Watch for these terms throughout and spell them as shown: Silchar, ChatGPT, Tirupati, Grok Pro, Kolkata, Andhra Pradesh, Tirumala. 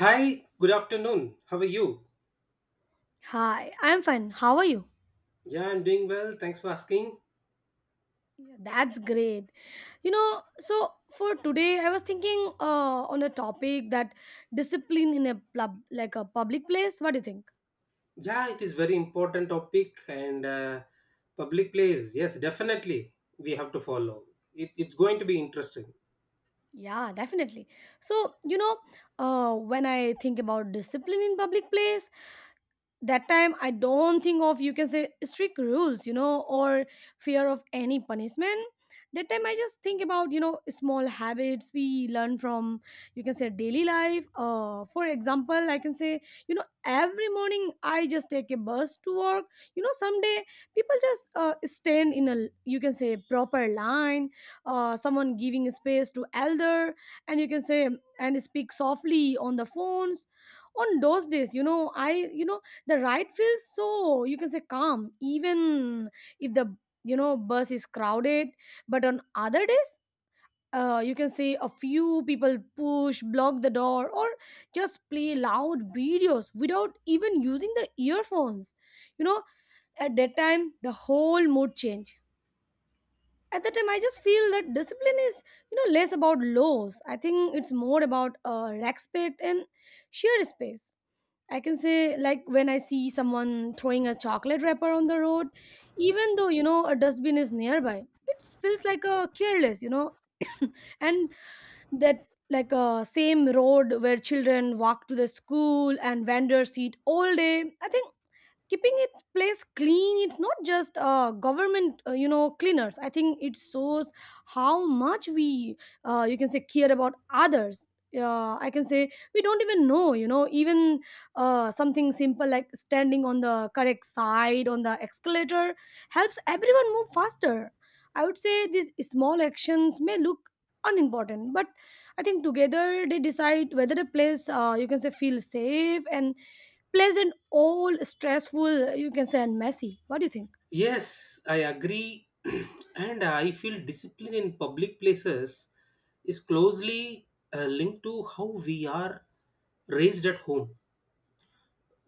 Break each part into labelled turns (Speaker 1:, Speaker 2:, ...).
Speaker 1: Hi, good afternoon. How are you?
Speaker 2: Hi, I'm fine. How are you?
Speaker 1: Yeah, I'm doing well. Thanks for asking.
Speaker 2: Yeah, that's great. So for today, I was thinking on a topic that discipline in a pub, like a public place. What do you think?
Speaker 1: Yeah, it is very important topic and public place. Yes, definitely we have to follow. It's going to be interesting.
Speaker 2: Yeah, definitely. So when I think about discipline in public place, that time I don't think of, you can say, strict rules, you know, or fear of any punishment. That time I just think about, you know, small habits we learn from, you can say, daily life. For example, I can say, you know, every morning I just take a bus to work. You know, someday people just stand in a, you can say, proper line. Someone giving space to elder, and you can say, and speak softly on the phones. On those days, you know, the ride feels so, you can say, calm, even if the, you know, bus is crowded. But on other days, you can say, a few people push, block the door or just play loud videos without even using the earphones, you know. At that time the whole mood change. At that time I just feel that discipline is, you know, less about laws. I think it's more about respect and shared space. I can say, like, when I see someone throwing a chocolate wrapper on the road, even though, you know, a dustbin is nearby, it feels like a careless, you know. And that, like, a same road where children walk to the school and vendors eat all day, I think keeping its place clean, it's not just government you know, cleaners. I think it shows how much we you can say, care about others. I can say, we don't even know, you know, even something simple like standing on the correct side on the escalator helps everyone move faster. I would say these small actions may look unimportant, but I think together they decide whether a place you can say, feels safe and pleasant, all stressful, you can say, and messy. What do you think?
Speaker 1: Yes, I agree, and I feel discipline in public places is closely linked to how we are raised at home.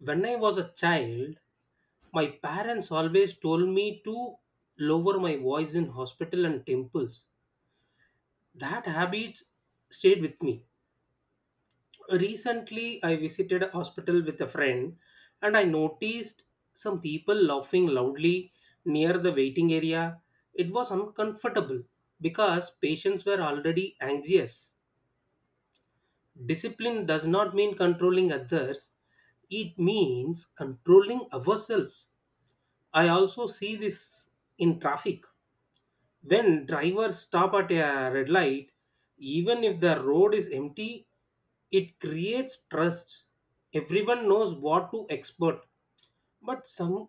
Speaker 1: When I was a child, my parents always told me to lower my voice in hospital and temples. That habit stayed with me. Recently, I visited a hospital with a friend and I noticed some people laughing loudly near the waiting area. It was uncomfortable because patients were already anxious. Discipline does not mean controlling others, it means controlling ourselves. I also see this in traffic. When drivers stop at a red light, even if the road is empty, it creates trust. Everyone knows what to expect. But some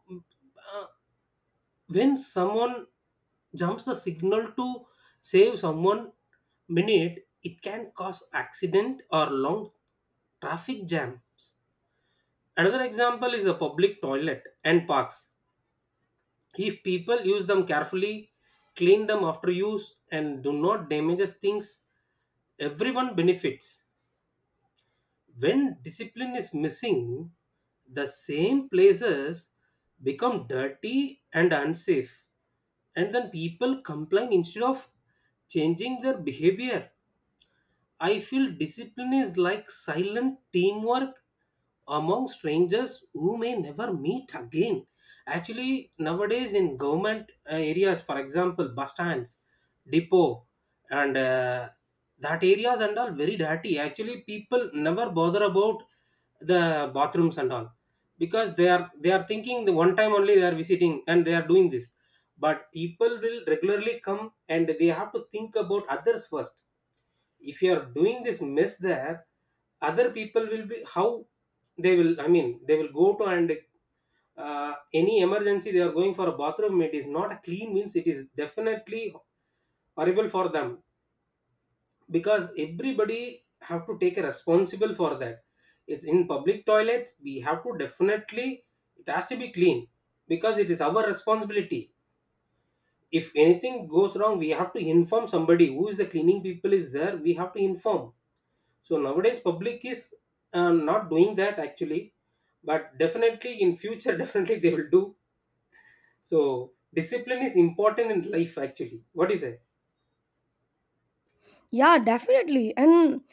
Speaker 1: When someone jumps the signal to save someone minute, it can cause accident or long traffic jams. Another example is a public toilet and parks, if people use them carefully, clean them after use and do not damage things, everyone benefits. When discipline is missing, the same places become dirty and unsafe, and then people complain instead of changing their behavior. I feel discipline is like silent teamwork among strangers who may never meet again. Actually, nowadays in government areas, for example, bus stands, depot, and that areas and all very dirty. Actually, people never bother about the bathrooms and all because they are thinking the one time only they are visiting and they are doing this. But people will regularly come and they have to think about others first. If you are doing this mess there, other people will be how they will, I mean, they will go to. And any emergency they are going for a bathroom, it is not a clean means, it is definitely horrible for them, because everybody have to take a responsible for that. It's in public toilets, we have to definitely, it has to be clean, because it is our responsibility. If anything goes wrong, we have to inform somebody who is the cleaning people is there, we have to inform. So nowadays public is not doing that actually, but definitely in future definitely they will do. So discipline is important in life, actually. What do you say?
Speaker 2: Yeah, definitely. And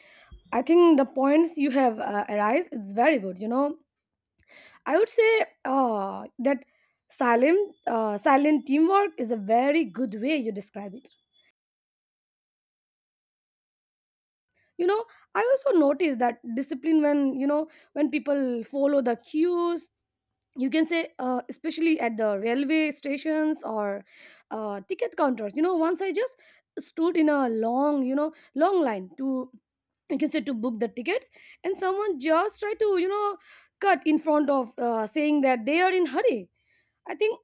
Speaker 2: I think the points you have arise is very good. You know, I would say that silent teamwork is a very good way you describe it. You know, I also noticed that discipline when you know when people follow the cues, you can say especially at the railway stations or ticket counters. You know, once I just stood in a long, you know, long line to, you can say, to book the tickets, and someone just tried to, you know, cut in front of, saying that they are in hurry. I think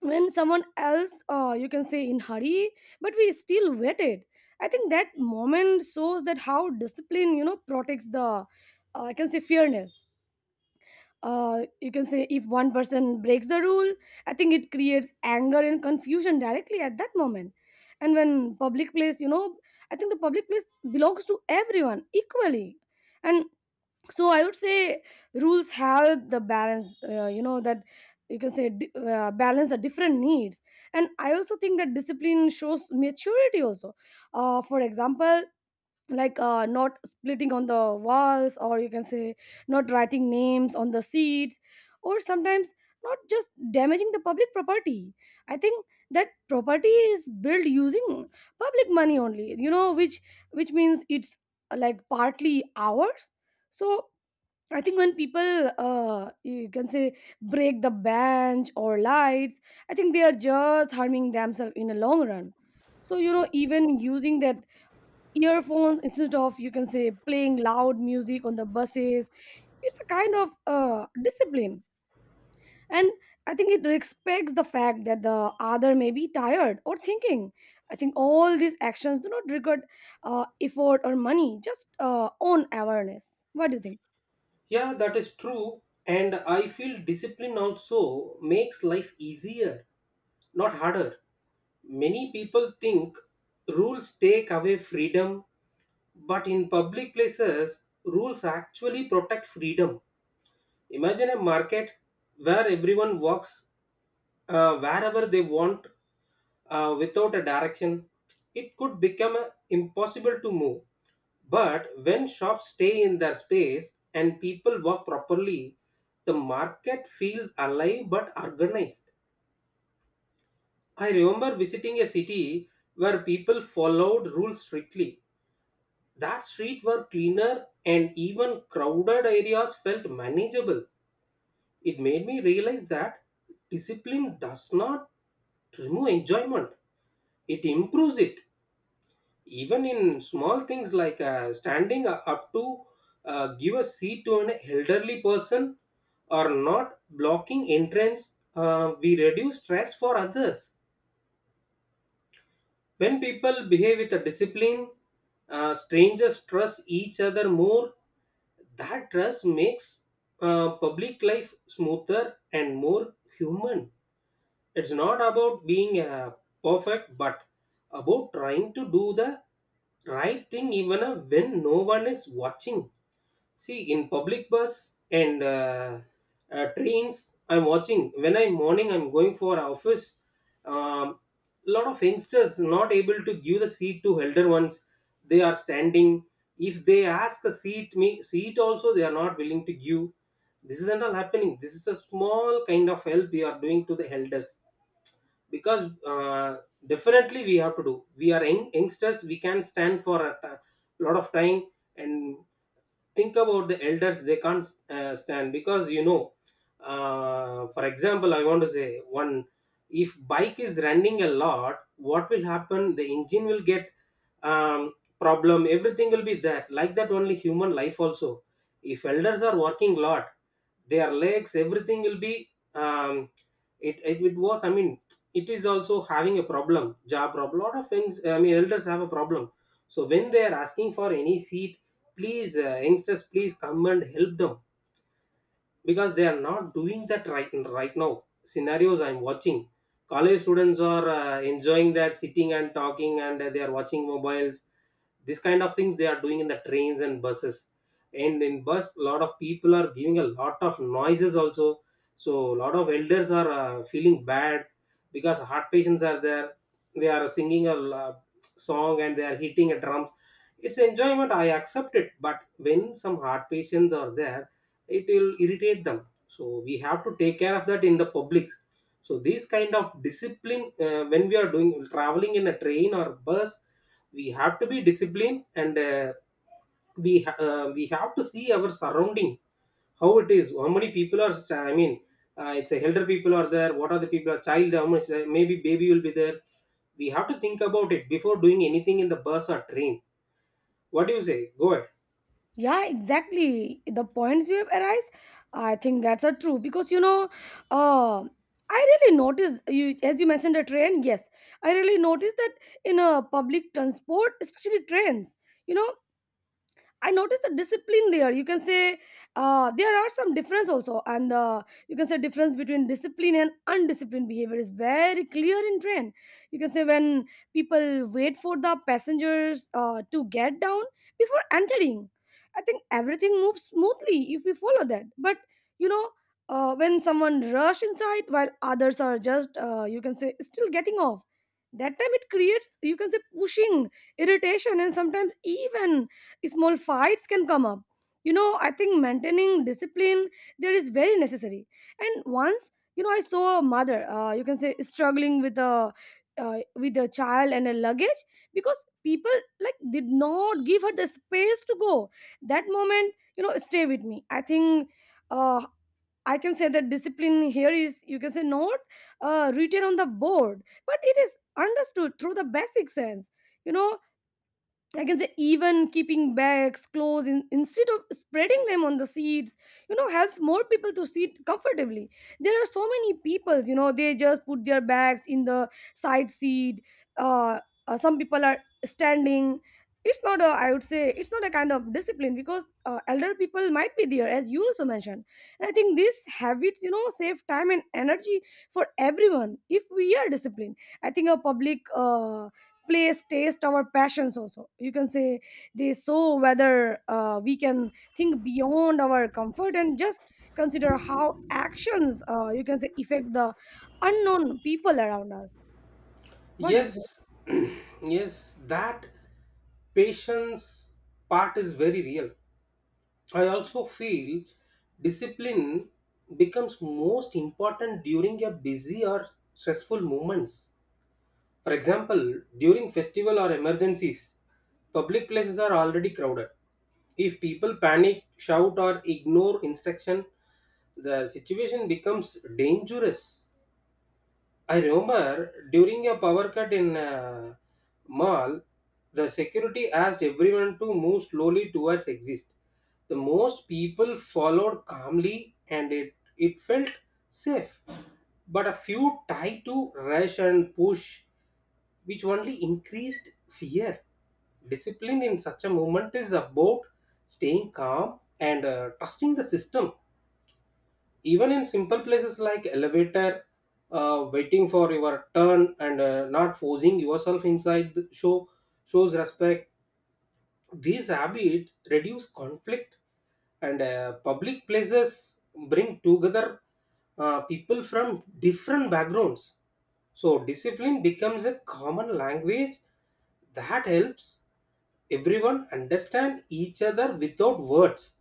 Speaker 2: when someone else, you can say, in hurry, but we still waited. I think that moment shows that how discipline, you know, protects the I can say fairness. You can say, if one person breaks the rule, I think it creates anger and confusion directly at that moment. And when public place, you know, I think the public place belongs to everyone equally. And so I would say rules help the balance, you know, that you can say balance the different needs. And I also think that discipline shows maturity also. For example, like not splitting on the walls, or you can say not writing names on the seats, or sometimes not just damaging the public property. I think that property is built using public money only, you know, which means it's like partly ours. So I think when people you can say, break the bench or lights, I think they are just harming themselves in the long run. So you know, even using their earphones instead of, you can say, playing loud music on the buses, it's a kind of discipline. And I think it respects the fact that the other may be tired or thinking. I think all these actions do not require effort or money, just own awareness. What do you think?
Speaker 1: Yeah, that is true, and I feel discipline also makes life easier, not harder. Many people think rules take away freedom, but in public places rules actually protect freedom. Imagine a market where everyone walks wherever they want. Without a direction, it could become impossible to move. But when shops stay in their space and people walk properly, the market feels alive but organized. I remember visiting a city where people followed rules strictly. That street were cleaner and even crowded areas felt manageable. It made me realize that discipline does not remove enjoyment, it improves it. Even in small things like standing up to give a seat to an elderly person or not blocking entrance, we reduce stress for others. When people behave with a discipline, strangers trust each other more. That trust makes public life smoother and more human. It's not about being perfect, but about trying to do the right thing even when no one is watching. See, in public bus and trains, I'm watching when I'm morning I'm going for office. um, Lot of youngsters not able to give the seat to elder ones, they are standing. If they ask a seat, me seat also they are not willing to give. This isn't all happening. This is a small kind of help we are doing to the elders, because definitely we have to do. We are young, youngsters, we can stand for a lot of time. And think about the elders, they can't stand, because you know, for example, I want to say one. If bike is running a lot, what will happen, the engine will get, um, problem, everything will be there. Like that only human life also. If elders are working lot, their legs everything will be, um, it was, I mean, it is also having a problem, job problem, lot of things, I mean elders have a problem. So when they are asking for any seat, please youngsters please come and help them, because they are not doing that right. Right now scenarios I'm watching, college students are enjoying that sitting and talking, and they are watching mobiles. This kind of things they are doing in the trains and buses. And in bus a lot of people are giving a lot of noises also. So a lot of elders are feeling bad, because heart patients are there. They are singing a song and they are hitting a drums. It's enjoyment, I accept it, but when some heart patients are there, it will irritate them. So we have to take care of that in the public. So these kind of discipline, when we are doing traveling in a train or bus, we have to be disciplined, and we have to see our surrounding, how it is, how many people are, I mean, it's a elder people are there, what are the people are child, how much maybe baby will be there. We have to think about it before doing anything in the bus or train. What do you say? Go ahead.
Speaker 2: Yeah, exactly. The points you have arise, I think that's are true because you know, uh, I really notice you as you mentioned the train. Yes, I really noticed that in a public transport, especially trains. You know, I noticed the discipline there. You can say there are some difference also, and you can say, difference between discipline and undisciplined behavior is very clear in train. You can say when people wait for the passengers to get down before entering. I think everything moves smoothly if we follow that. But you know, when someone rush inside while others are just you can say, still getting off, that time it creates, you can say, pushing, irritation, and sometimes even small fights can come up. You know, I think maintaining discipline there is very necessary. And once, you know, I saw a mother, you can say, struggling with a with a child and a luggage, because people like did not give her the space to go. That moment, you know, stay with me. I think uh, I can say that discipline here is, you can say, not written on the board, but it is understood through the basic sense. You know, I can say even keeping bags, clothes in, instead of spreading them on the seats, you know, helps more people to sit comfortably. There are so many people, you know, they just put their bags in the side seat. Uh, some people are standing. It's not a, I would say, it's not a kind of discipline because elder people might be there, as you also mentioned. And I think these habits, you know, save time and energy for everyone if we are disciplined. I think a public place taste our passions also, you can say, they show whether we can think beyond our comfort and just consider how actions, you can say, affect the unknown people around us. What do you say?
Speaker 1: Yes. Yes, that patience part is very real. I also feel discipline becomes most important during a busy or stressful moments. For example, during festival or emergencies, public places are already crowded. If people panic, shout or ignore instruction, the situation becomes dangerous. I remember during a power cut in mall, the security asked everyone to move slowly towards exit. The most people followed calmly and it felt safe. But a few tried to rush and push, which only increased fear. Discipline in such a moment is about staying calm and trusting the system. Even in simple places like elevator, waiting for your turn and not forcing yourself inside the shows respect. These habits reduce conflict, and public places bring together people from different backgrounds. So discipline becomes a common language that helps everyone understand each other without words.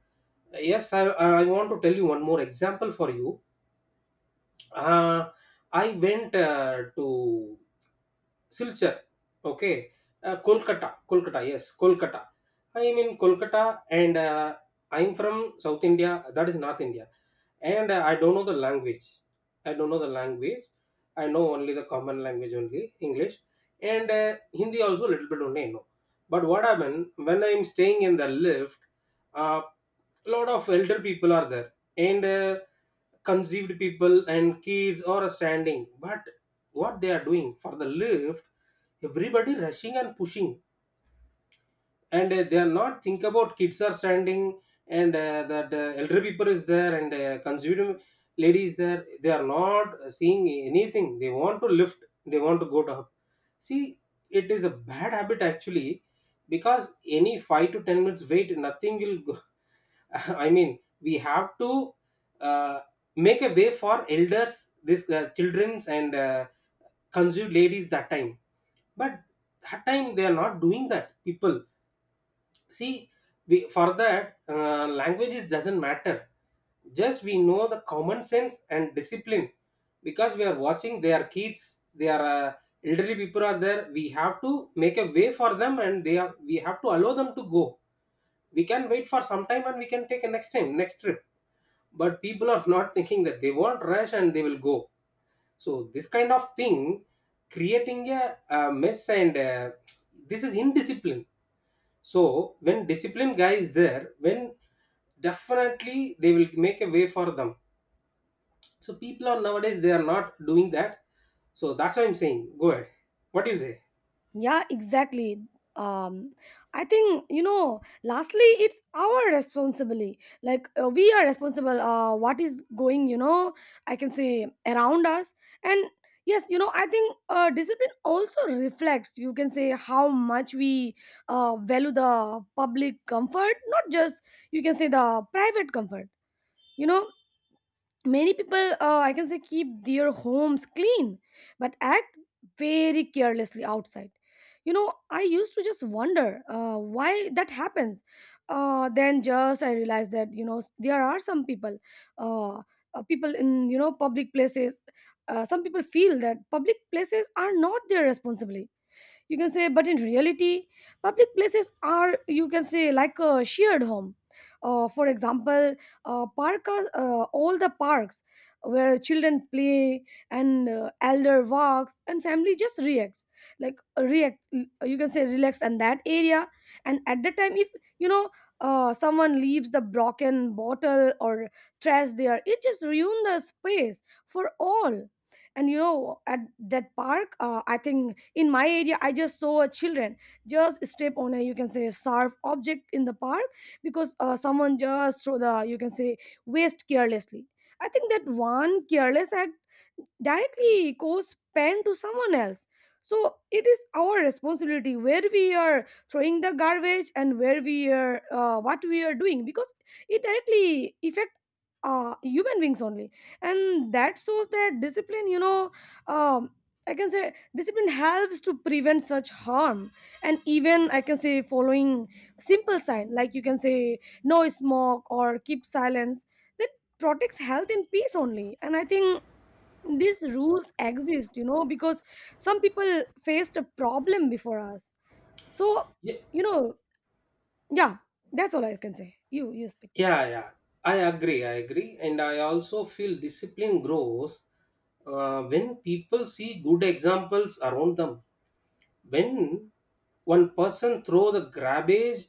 Speaker 1: Yes, I want to tell you one more example for you. uh, I went to Silchar, okay, Kolkata, Kolkata, yes, Kolkata. I am in Kolkata and I'm from South India, that is North India, and I don't know the language. I don't know the language. I know only the common language only, English, and Hindi also little bit only I know. But what happened when I'm staying in the lift, uh, a lot of elder people are there and conceived people and kids are standing. But what they are doing for the lift, everybody rushing and pushing, and they are not think about kids are standing, and that elder people is there, and conceived lady is there, they are not seeing anything, they want to lift, they want to go to up. See, it is a bad habit actually, because any 5 to 10 minutes wait nothing will go, I mean, we have to uh, make a way for elders, this childrens and conceived ladies that time. But that time they are not doing that. People, see, we, for that languages doesn't matter. Just we know the common sense and discipline, because we are watching. They are kids. They are elderly people are there. We have to make a way for them, and they are, we have to allow them to go. We can wait for some time and we can take a next time, next trip. But people are not thinking that, they want rush and they will go. So this kind of thing creating a mess, and uh, this is indiscipline. So when discipline guy is there, when, definitely they will make a way for them. So people are nowadays they are not doing that. So that's why I'm saying, go ahead. What do you say?
Speaker 2: Yeah, exactly. Um, I think you know. Lastly, it's our responsibility. Like we are responsible. What is going? You know, I can say around us. And yes, you know, I think discipline also reflects. You can say how much we value the public comfort, not just, you can say, the private comfort. You know, many people, I can say, keep their homes clean but act very carelessly outside. You know, I used to just wonder why that happens. Then just I realized that, you know, there are some people uh, people in, you know, public places. Some people feel that public places are not their responsibility, you can say, but in reality public places are, you can say, like a shared home. For example, park are, all the parks where children play, and elder walks, and family just reacts, like react, you can say, relax in that area. And at the time, if you know, someone leaves the broken bottle or trash there, it just ruin the space for all. And you know, at that park, I think in my area I just saw a children just step on a, you can say, sharp object in the park because someone just throw the, you can say, waste carelessly. I think that one careless act directly cause pain to someone else. So it is our responsibility where we are throwing the garbage and where we are, what we are doing, because it directly affect human beings only. And that shows that discipline, you know, um, I can say discipline helps to prevent such harm. And even I can say following simple sign, like you can say no smoke or keep silence, that protects health and peace only. And I think these rules exist, you know, because some people faced a problem before us. So
Speaker 1: yeah
Speaker 2: you know, yeah, that's all I can say. You speak.
Speaker 1: yeah, yeah. I agree, I agree, and I also feel discipline grows when people see good examples around them. When one person throw the garbage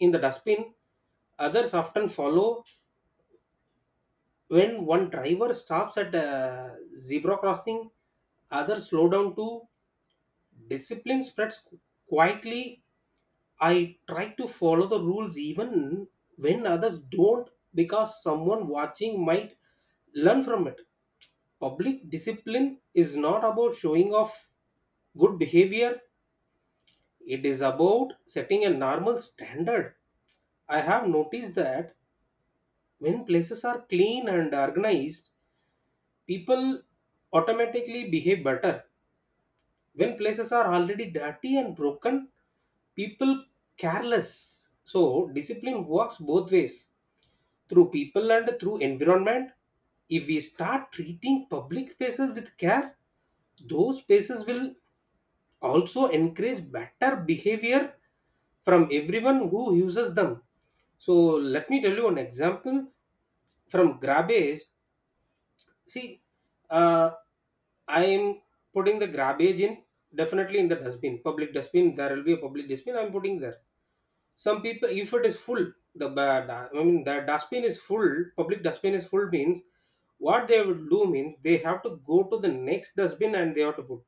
Speaker 1: in the dustbin, others often follow. When one driver stops at a zebra crossing, others slow down too. Discipline spreads quietly. I try to follow the rules even when others don't, because someone watching might learn from it. Public discipline is not about showing off good behavior. It is about setting a normal standard. I have noticed that when places are clean and organized, people automatically behave better. When places are already dirty and broken, people careless. So, discipline works both ways through people and through environment. If we start treating public spaces with care, those spaces will also encourage better behavior from everyone who uses them. So let me tell you an example from garbage. See, uh, I am putting the garbage in definitely in the dustbin, public dustbin. There will be a public dustbin. I am putting there some people if it is full the ba- da- I mean the dustbin is full, public dustbin is full means what they would do means they have to go to the next dustbin and they have to put,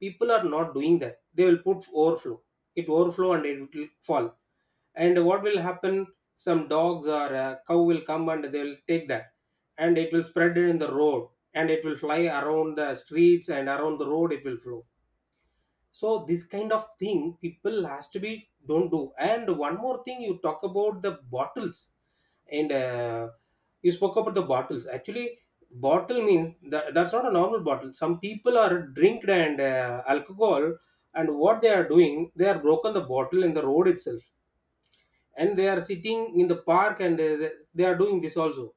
Speaker 1: people are not doing that, they will put overflow, it overflow and it will fall. And what will happen? Some dogs or a cow will come and they will take that and it will spread it in the road and it will fly around the streets and around the road it will flow. So this kind of thing people has to be don't do. And one more thing, you talk about the bottles and you spoke about the bottles actually. Bottle means that's not a normal bottle, some people are drinked and alcohol, and what they are doing, they are broken the bottle in the road itself, and they are sitting in the park and they are doing this also,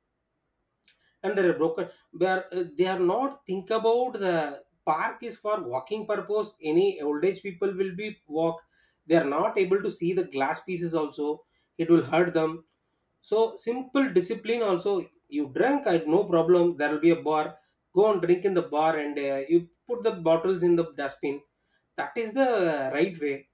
Speaker 1: and they're broken, they are not think about the park is for walking purpose. Any old age people will be walk, they are not able to see the glass pieces also, it will hurt them. So, simple discipline also, you drink I no problem, there will be a bar, go and drink in the bar and you put the bottles in the dustbin. That is the right way.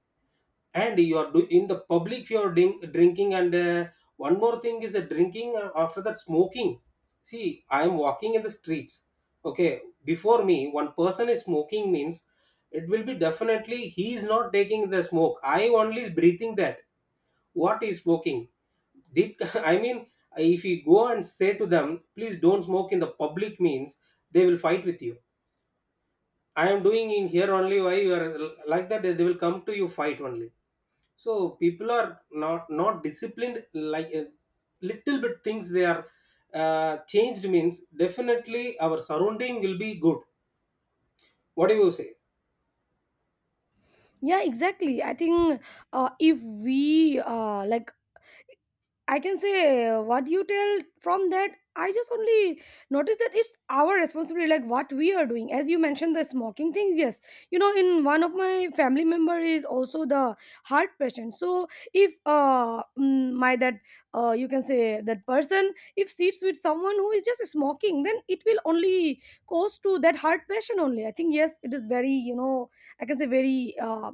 Speaker 1: And you are do in the public, you are drinking and one more thing is the drinking, after that smoking. See, I am walking in the streets, okay, before me one person is smoking means it will be definitely he is not taking the smoke, I only is breathing that. What is smoking? Did, I mean, if you go and say to them please don't smoke in the public means they will fight with you. I am doing in here only, why you are, like that they will come to you, fight only. So people are not disciplined, like little bit things they are changed means definitely our surrounding will be good. What do you say?
Speaker 2: Yeah, exactly. I think if we like I can say what you tell from that. I just only notice that it's our responsibility, like what we are doing. As you mentioned, the smoking things, yes. You know, in one of my family member is also the heart patient. So if my that you can say that person if sits with someone who is just smoking, then it will only cause to that heart patient only. I think yes, it is very you know, I can say very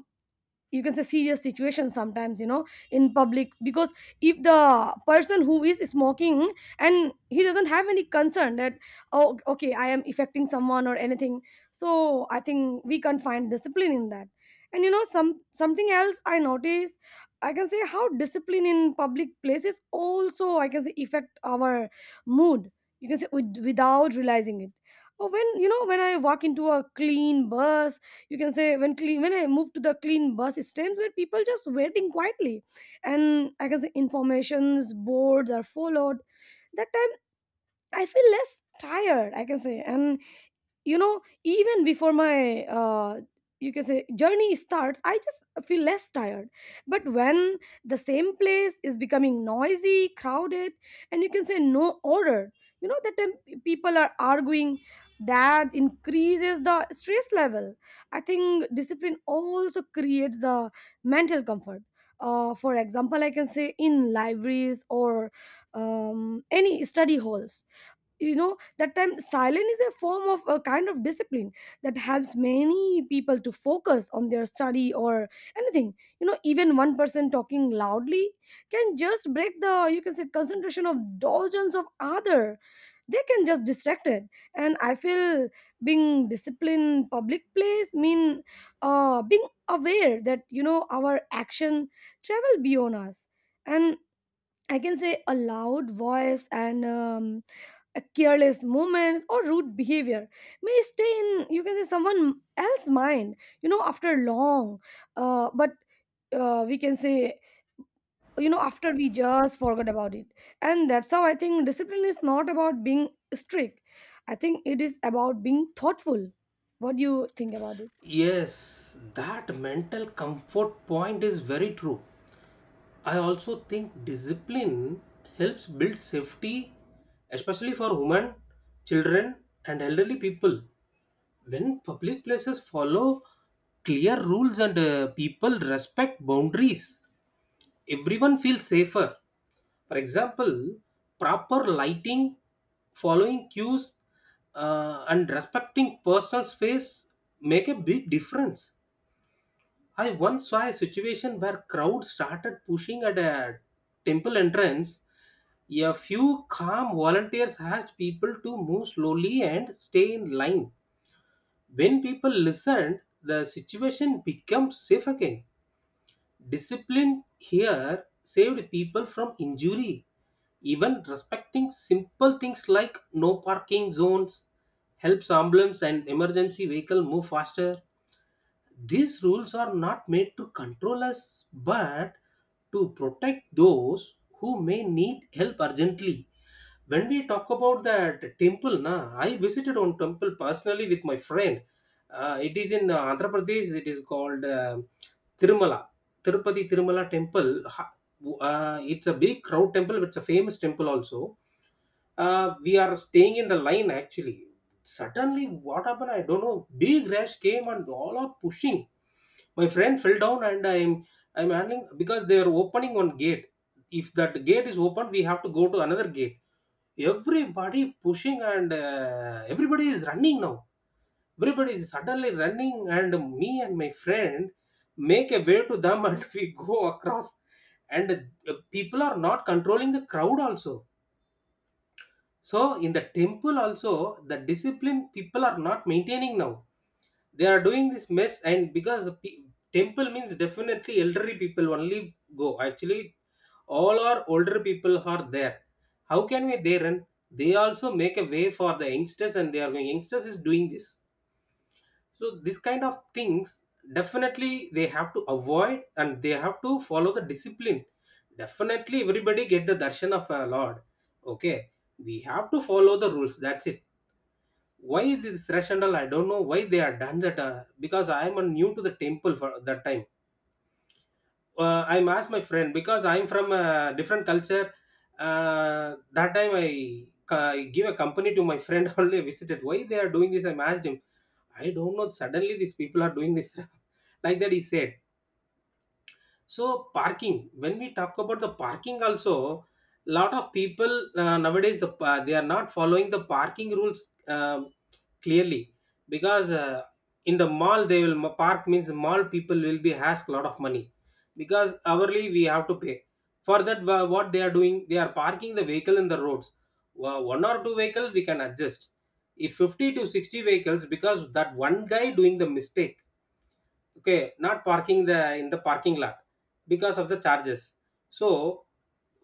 Speaker 2: you can say serious situation sometimes, you know, in public, because if the person who is smoking and he doesn't have any concern that, oh okay, I am affecting someone or anything. So I think we can find discipline in that. And you know, some something else I notice, I can say, how discipline in public places also I can say affect our mood, you can say, without realizing it. Oh, when you know, when I walk into a clean bus, you can say, when clean, when I moved to the clean bus stands where people just waiting quietly and I can say informations boards are followed, that time I feel less tired, I can say. And you know, even before my you can say, journey starts, I just feel less tired. But when the same place is becoming noisy, crowded, and you can say no order, you know, that time people are arguing, that increases the stress level. I think discipline also creates the mental comfort. For example, I can say in libraries or any study halls, you know, that time silence is a form of a kind of discipline that helps many people to focus on their study or anything. You know, even one person talking loudly can just break the, you can say, concentration of dozens of other. They can just distract it. And I feel being disciplined public place mean being aware that, you know, our action travel beyond us. And I can say a loud voice and a careless movements or rude behavior may stay in, you can say, someone else's mind, you know, after long. But we can say, you know, after we just forgot about it. And that's how I think discipline is not about being strict. I think it is about being thoughtful. What do you think about it?
Speaker 1: Yes, that mental comfort point is very true. I also think discipline helps build safety, especially for women, children, and elderly people. When public places follow clear rules and people respect boundaries, everyone feels safer. For example, proper lighting, following cues, and respecting personal space make a big difference. I once saw a situation where crowd started pushing at a temple entrance. A few calm volunteers asked people to move slowly and stay in line. When people listened, the situation became safe again. Discipline here saved people from injury. Even respecting simple things like no parking zones helps ambulance and emergency vehicle move faster. These rules are not made to control us but to protect those who may need help urgently. When we talk about that temple, na, I visited one temple personally with my friend. It is in Andhra Pradesh. It is called Tirumala, Tirupati Tirumala temple. Ha- it's a big crowd temple. It's a famous temple also. We are staying in the line actually. Suddenly, what happened? I don't know. Big rash came and all are pushing. My friend fell down and I'm handling because they are opening one gate. If that gate is open, we have to go to another gate, everybody pushing and everybody is running now, everybody is suddenly running, and me and my friend make a way to them and we go across, and people are not controlling the crowd also. So in the temple also the discipline people are not maintaining now, they are doing this mess, and because temple means definitely elderly people only go actually, all our older people are there, how can we there? And they also make a way for the youngsters and they are going, youngsters is doing this. So this kind of things definitely they have to avoid and they have to follow the discipline. Definitely everybody get the darshan of a lord, okay, we have to follow the rules, that's it. Why this rational I don't know, why they are done that, because I am a new to the temple for that time, I'm asked my friend because I'm from a different culture. That time I give a company to my friend only, visited why they are doing this, I'm asked him. I don't know, suddenly these people are doing this, like that he said. So parking, when we talk about the parking also, lot of people nowadays they are not following the parking rules. Um, clearly, because in the mall they will park means mall people will be ask lot of money because hourly we have to pay. For that, what they are doing, they are parking the vehicle in the roads. One or two vehicles we can adjust. If 50 to 60 vehicles, because that one guy doing the mistake, okay, not parking the in the parking lot because of the charges. So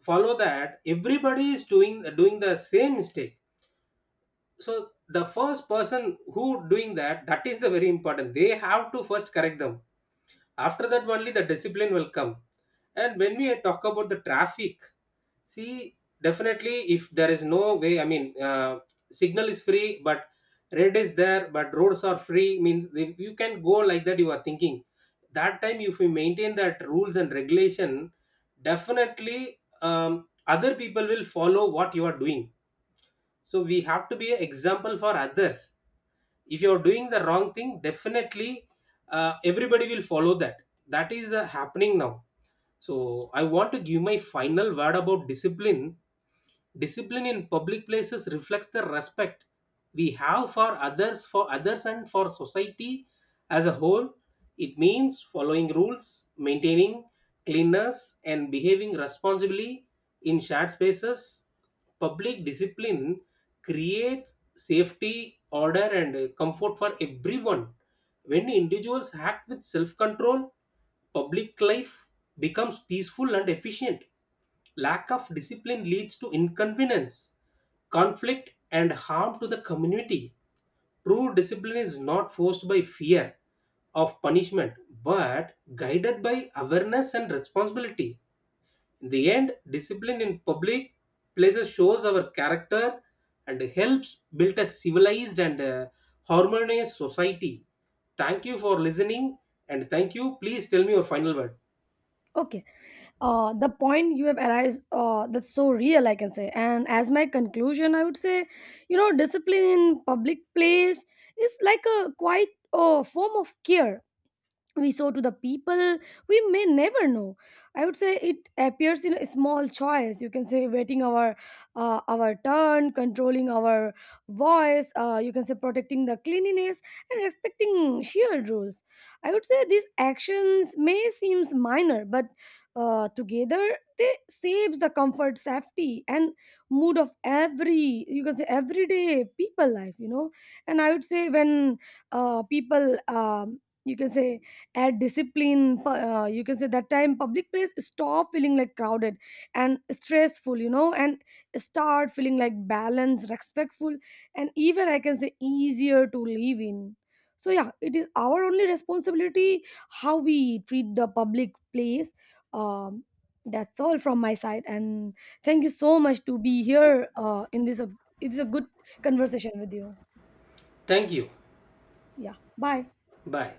Speaker 1: follow that everybody is doing the same mistake. So the first person who doing that, that is the very important, they have to first correct them, after that only the discipline will come. And when we talk about the traffic, see, definitely if there is no way, I mean signal is free, but red is there but roads are free means they, you can go, like that you are thinking. That time if we maintain that rules and regulation, definitely other people will follow what you are doing. So we have to be an example for others. If you're doing the wrong thing definitely everybody will follow that. That is the happening now. So I want to give my final word about discipline. Discipline in public places reflects the respect we have for others and for society as a whole. It means following rules, maintaining cleanness and behaving responsibly in shared spaces. Public discipline creates safety, order and comfort for everyone. When individuals act with self control, public life becomes peaceful and efficient. Lack of discipline leads to inconvenience, conflict, and harm to the community. True discipline is not forced by fear of punishment but guided by awareness and responsibility. In the end, discipline in public places shows our character and helps build a civilized and harmonious society. Thank you for listening and thank you. Please tell me your final word.
Speaker 2: Okay, the point you have arised, that's so real, I can say. And as my conclusion, I would say, you know, discipline in public place is like a quite a form of care we sow to the people we may never know. I would say it appears in a small choice, you can say, waiting our turn, controlling our voice, you can say, protecting the cleanliness and respecting shared rules. I would say these actions may seems minor, but together they saves the comfort, safety, and mood of every, you can say, everyday people life, you know. And I would say when people you can say add discipline you can say, that time public place stop feeling like crowded and stressful, you know, and start feeling like balanced, respectful, and even I can say easier to live in. So yeah, it is our only responsibility how we treat the public place. um, that's all from my side, and thank you so much to be here in this it is a good conversation with you.
Speaker 1: Thank you.
Speaker 2: Yeah, bye.
Speaker 1: Bye.